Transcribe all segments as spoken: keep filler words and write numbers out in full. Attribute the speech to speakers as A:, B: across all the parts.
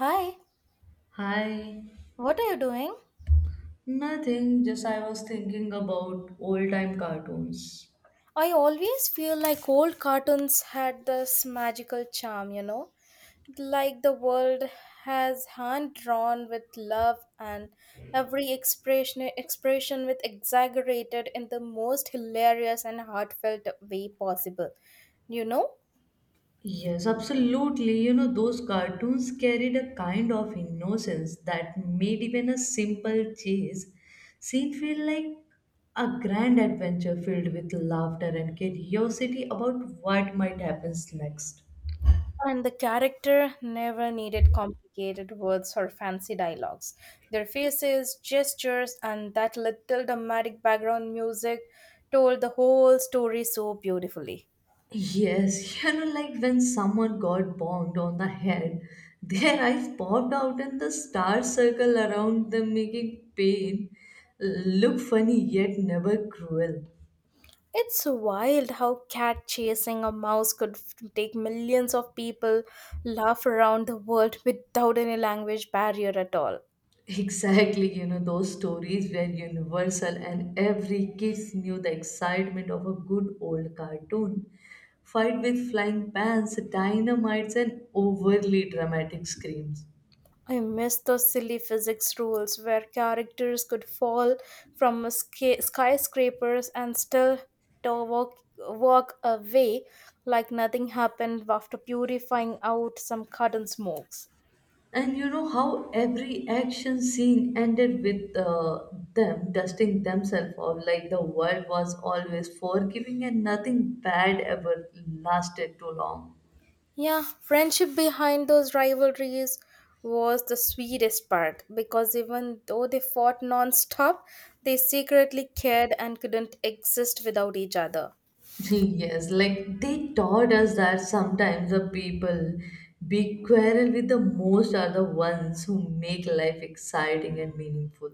A: Hi,
B: Hi.
A: what are you doing?
B: Nothing, just I was thinking about old time cartoons.
A: I always feel like old cartoons had this magical charm, you know, like the world has hand drawn with love and every expression expression with exaggerated in the most hilarious and heartfelt way possible. You know?
B: Yes, absolutely. You know, those cartoons carried a kind of innocence that made even a simple chase scene feel like a grand adventure filled with laughter and curiosity about what might happen next.
A: And the character never needed complicated words or fancy dialogues. Their faces, gestures, and that little dramatic background music told the whole story so beautifully.
B: Yes, you know, like when someone got bonked on the head, their eyes popped out and the stars circle around them, making pain look funny yet never cruel.
A: It's wild how cat chasing a mouse could f- take millions of people laugh around the world without any language barrier at all.
B: Exactly, you know, those stories were universal, and every kid knew the excitement of a good old cartoon. Fight with flying pans, dynamites, and overly dramatic screams.
A: I miss those silly physics rules where characters could fall from a sca- skyscrapers and still to walk, walk away like nothing happened after purifying out some cotton smokes.
B: And you know how every action scene ended with uh, them dusting themselves off, like the world was always forgiving and nothing bad ever lasted too long.
A: Yeah, friendship behind those rivalries was the sweetest part because even though they fought non stop, they secretly cared and couldn't exist without each other.
B: Yes, like they taught us that sometimes the people we quarrel with the most are the ones who make life exciting and meaningful.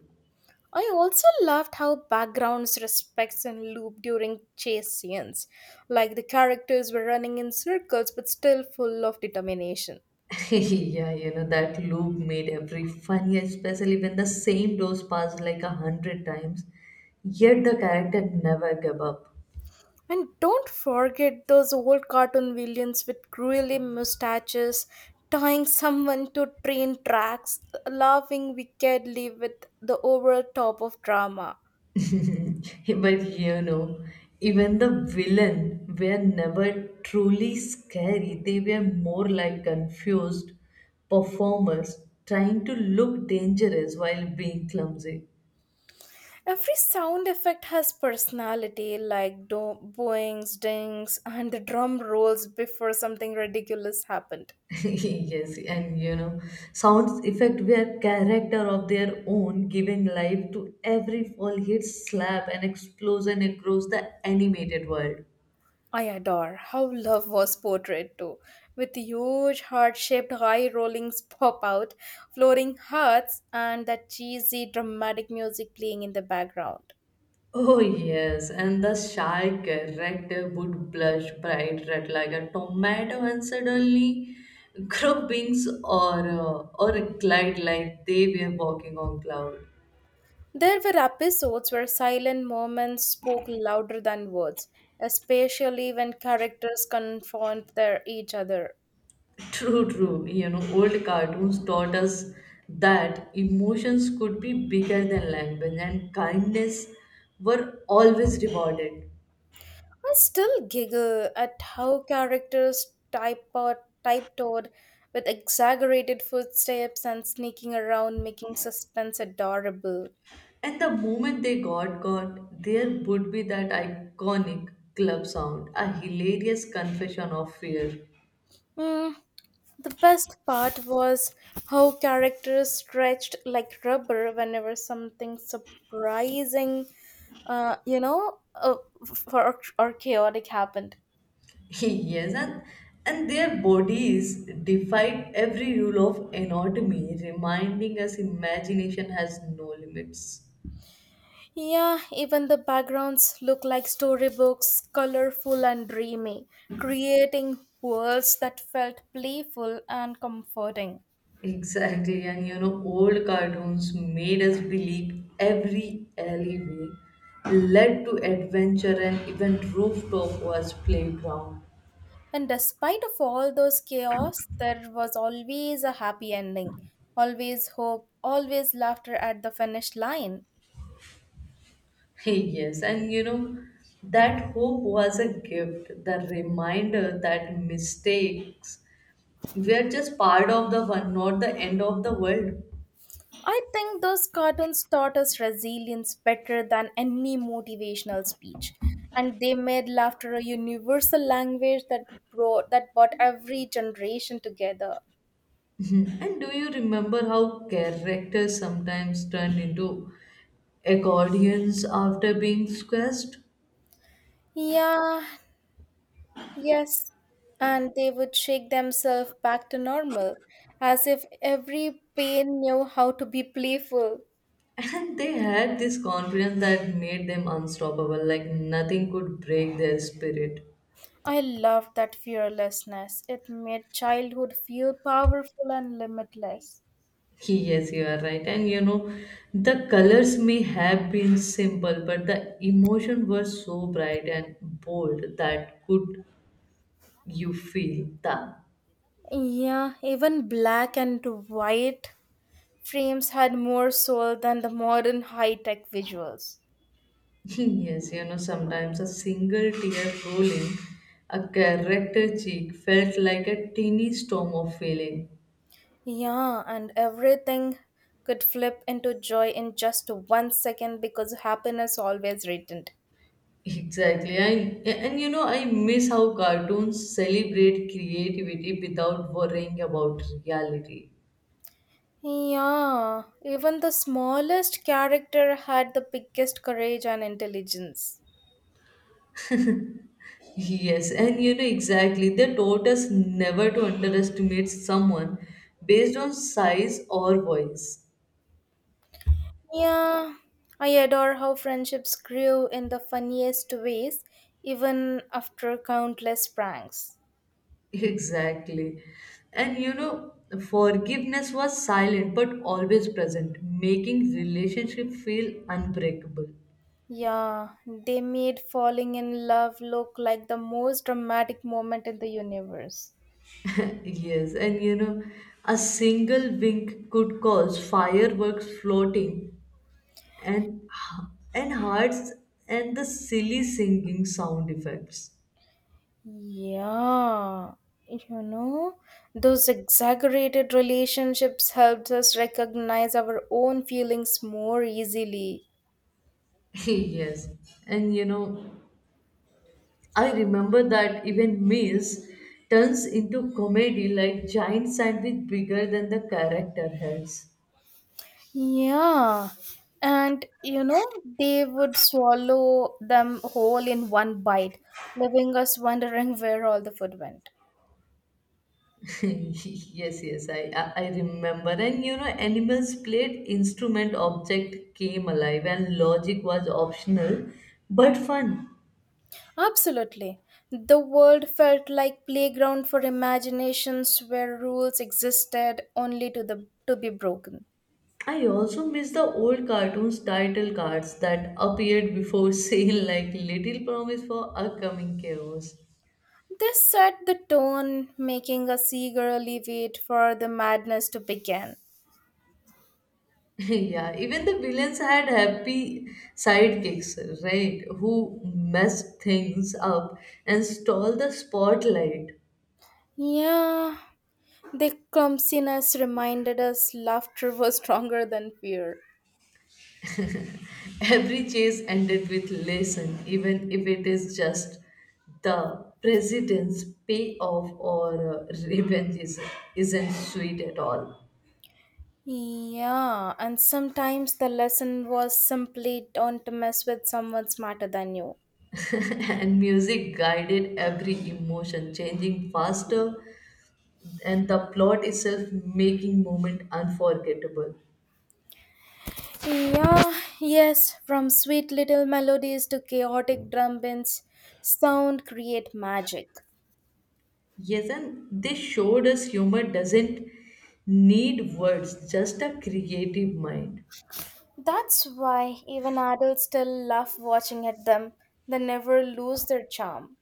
A: I also loved how backgrounds respects and loop during chase scenes, like the characters were running in circles but still full of determination.
B: Yeah, you know, that loop made every funny, especially when the same dose passed like a hundred times. Yet the character never gave up.
A: And don't forget those old cartoon villains with curly mustaches, tying someone to train tracks, laughing wickedly with the over top of drama.
B: But you know, even the villain were never truly scary. They were more like confused performers trying to look dangerous while being clumsy.
A: Every sound effect has personality, like do- boings, dings, and the drum rolls before something ridiculous happened.
B: Yes, and you know, sounds effect were character of their own, giving life to every fall hit, slap, and explosion across the animated world.
A: I adore how love was portrayed too, with huge heart shaped high rollings pop out, flooring hearts, and that cheesy dramatic music playing in the background.
B: Oh yes, and the shy character would blush bright red like a tomato and suddenly grow wings or uh, or glide like they were walking on cloud.
A: There were episodes where silent moments spoke louder than words, especially when characters confront their each other.
B: True, true. You know, old cartoons taught us that emotions could be bigger than language and kindness were always rewarded.
A: I still giggle at how characters type out, typetoed with exaggerated footsteps and sneaking around, making suspense adorable.
B: And the moment they got caught, there would be that iconic club sound, a hilarious confession of fear.
A: Mm, the best part was how characters stretched like rubber whenever something surprising, uh, you know, uh, f- or, or chaotic happened.
B: Yes, and, and their bodies defied every rule of anatomy, reminding us imagination has no limits.
A: Yeah, even the backgrounds look like storybooks, colorful and dreamy, creating worlds that felt playful and comforting.
B: Exactly, and you know, old cartoons made us believe every alleyway led to adventure and even rooftop was playground.
A: And despite of all those chaos, there was always a happy ending, always hope, always laughter at the finish line.
B: Yes, and you know, that hope was a gift, the reminder that mistakes were just part of the one, not the end of the world.
A: I think those cartoons taught us resilience better than any motivational speech. And they made laughter a universal language that brought that brought every generation together.
B: And do you remember how characters sometimes turned into accordions after being squeezed?
A: Yeah, yes. And they would shake themselves back to normal, as if every pain knew how to be playful.
B: And they had this confidence that made them unstoppable, like nothing could break their spirit.
A: I loved that fearlessness. It made childhood feel powerful and limitless.
B: Yes, you are right. And you know, the colors may have been simple, but the emotion was so bright and bold that could you feel that.
A: Yeah, even black and white frames had more soul than the modern high tech visuals.
B: Yes, you know, sometimes a single tear rolling a character cheek felt like a teeny storm of feeling.
A: Yeah, and everything could flip into joy in just one second because happiness always returned.
B: Exactly. I, and you know, I miss how cartoons celebrate creativity without worrying about reality.
A: Yeah, even the smallest character had the biggest courage and intelligence.
B: Yes, and you know, exactly. They taught us never to underestimate someone based on size or voice.
A: Yeah, I adore how friendships grew in the funniest ways, even after countless pranks.
B: Exactly. And you know, forgiveness was silent but always present, making relationship feel unbreakable.
A: Yeah, they made falling in love look like the most dramatic moment in the universe.
B: Yes, and you know, a single wink could cause fireworks floating and h- and hearts and the silly singing sound effects.
A: Yeah, you know, those exaggerated relationships helped us recognize our own feelings more easily.
B: Yes, and you know, I remember that even meals turns into comedy like giant sandwich bigger than the character heads.
A: Yeah. And you know, they would swallow them whole in one bite, leaving us wondering where all the food went.
B: yes yes I, I i remember and you know animals played instrument object came alive and logic was optional but fun.
A: Absolutely. The world felt like playground for imaginations where rules existed only to the to be broken.
B: I also miss the old cartoons title cards that appeared before sale like little promise for upcoming chaos.
A: This set the tone, making us eagerly wait for the madness to begin.
B: Yeah, even the villains had happy sidekicks, right, who messed things up and stole the spotlight.
A: Yeah, their clumsiness reminded us laughter was stronger than fear.
B: Every chase ended with lesson, even if it is just the president's payoff or uh, revenge is, isn't sweet at all.
A: Yeah, and sometimes the lesson was simply don't mess with someone smarter than you.
B: And music guided every emotion, changing faster, and the plot itself making moment unforgettable.
A: Yeah, yes, from sweet little melodies to chaotic drum beats, sound create magic.
B: Yes, and they showed us humor doesn't need words, just a creative mind.
A: That's why even adults still love watching at them. They never lose their charm.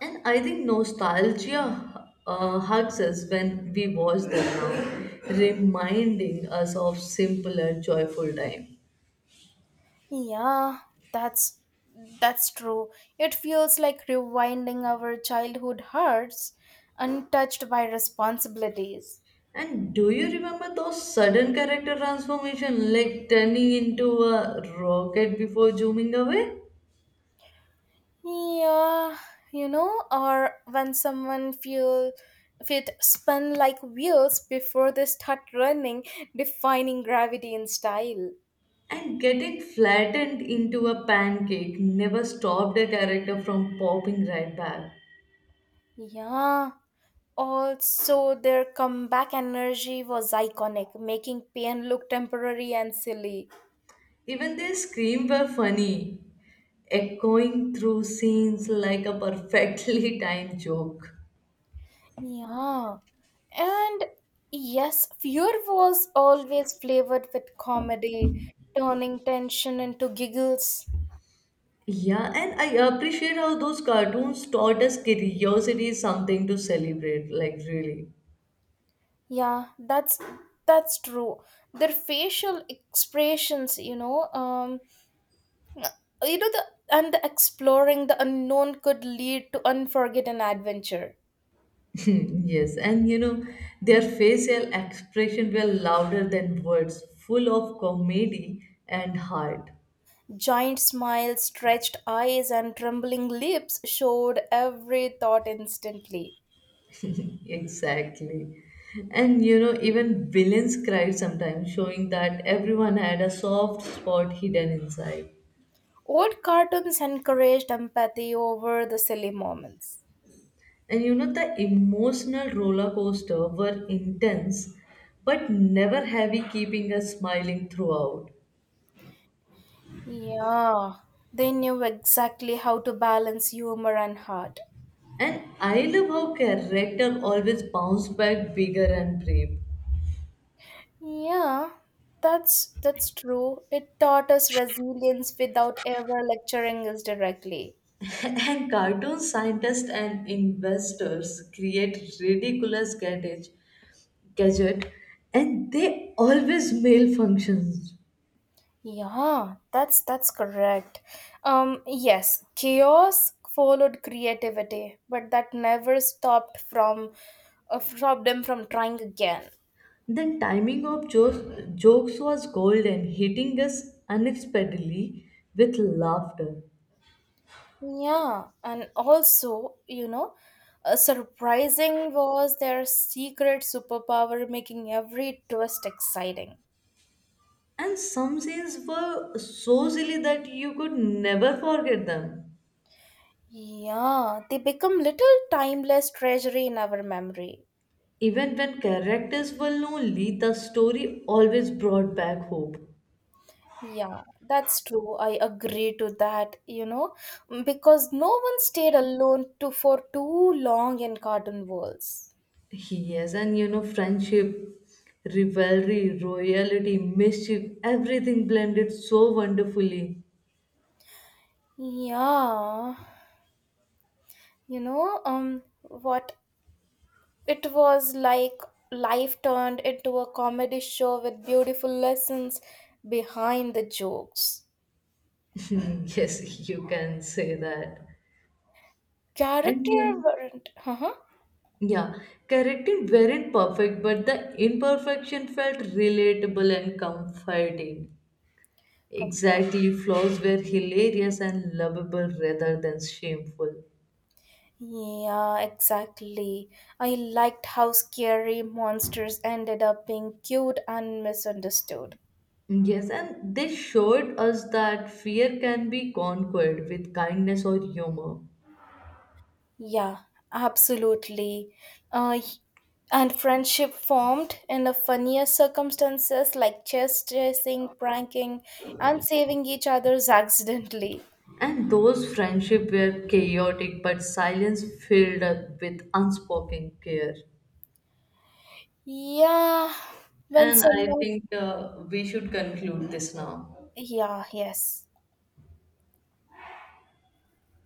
B: And I think nostalgia uh, hugs us when we watch them now, reminding us of simpler, joyful time.
A: Yeah, that's that's true. It feels like rewinding our childhood hearts untouched by responsibilities.
B: And do you remember those sudden character transformation, like turning into a rocket before zooming away?
A: Yeah, you know, or when someone feel feet spun like wheels before they start running, defining gravity in style.
B: And getting flattened into a pancake never stopped a character from popping right back.
A: Yeah. Also, their comeback energy was iconic, making pain look temporary and silly.
B: Even their screams were funny, echoing through scenes like a perfectly timed joke.
A: Yeah. And yes, fear was always flavored with comedy, turning tension into giggles.
B: Yeah, and I appreciate how those cartoons taught us curiosity is something to celebrate, like really.
A: Yeah, that's that's true. Their facial expressions, you know, um, you know the and the exploring the unknown could lead to unforgettable adventure.
B: Yes, and you know, their facial expression were louder than words, full of comedy and heart.
A: Giant smiles, stretched eyes, and trembling lips showed every thought instantly.
B: Exactly. And you know, even villains cried sometimes, showing that everyone had a soft spot hidden inside.
A: Old cartoons encouraged empathy over the silly moments.
B: And you know, the emotional roller coaster were intense but never heavy, keeping us smiling throughout.
A: Yeah, they knew exactly how to balance humor and heart.
B: And I love how character always bounce back bigger and brave.
A: Yeah, that's that's true. It taught us resilience without ever lecturing us directly.
B: And cartoon scientists and investors create ridiculous gadget, gadget and they always malfunctions.
A: Yeah, that's that's correct. Um, yes, chaos followed creativity, but that never stopped from uh, stopped them from trying again.
B: Then timing of jokes, jokes was golden, hitting us unexpectedly with laughter.
A: Yeah, and also, you know, uh, surprising was their secret superpower, making every twist exciting.
B: And some scenes were so silly that you could never forget them.
A: Yeah, they become little timeless treasury in our memory.
B: Even when characters were lonely, the story always brought back hope.
A: Yeah, that's true. I agree to that, you know, because no one stayed alone to for too long in cartoon worlds.
B: Yes, and you know, friendship, rivalry, royalty, mischief, everything blended so wonderfully.
A: Yeah, you know, um, what it was like life turned into a comedy show with beautiful lessons behind the jokes.
B: Yes, you can say that. And yeah,
A: Character weren't, huh?
B: yeah, characters weren't perfect, but the imperfection felt relatable and comforting.
A: Come forward.
B: Exactly, flaws were hilarious and lovable rather than shameful.
A: Yeah, exactly. I liked how scary monsters ended up being cute and misunderstood.
B: Yes, and they showed us that fear can be conquered with kindness or humor.
A: Yeah, absolutely. Uh, and friendship formed in the funniest circumstances like chess chasing, pranking, and saving each other's accidentally.
B: And those friendships were chaotic, but silence filled up with unspoken care.
A: Yeah, when
B: And I
A: someone.
B: think uh, we should conclude this now.
A: Yeah, yes.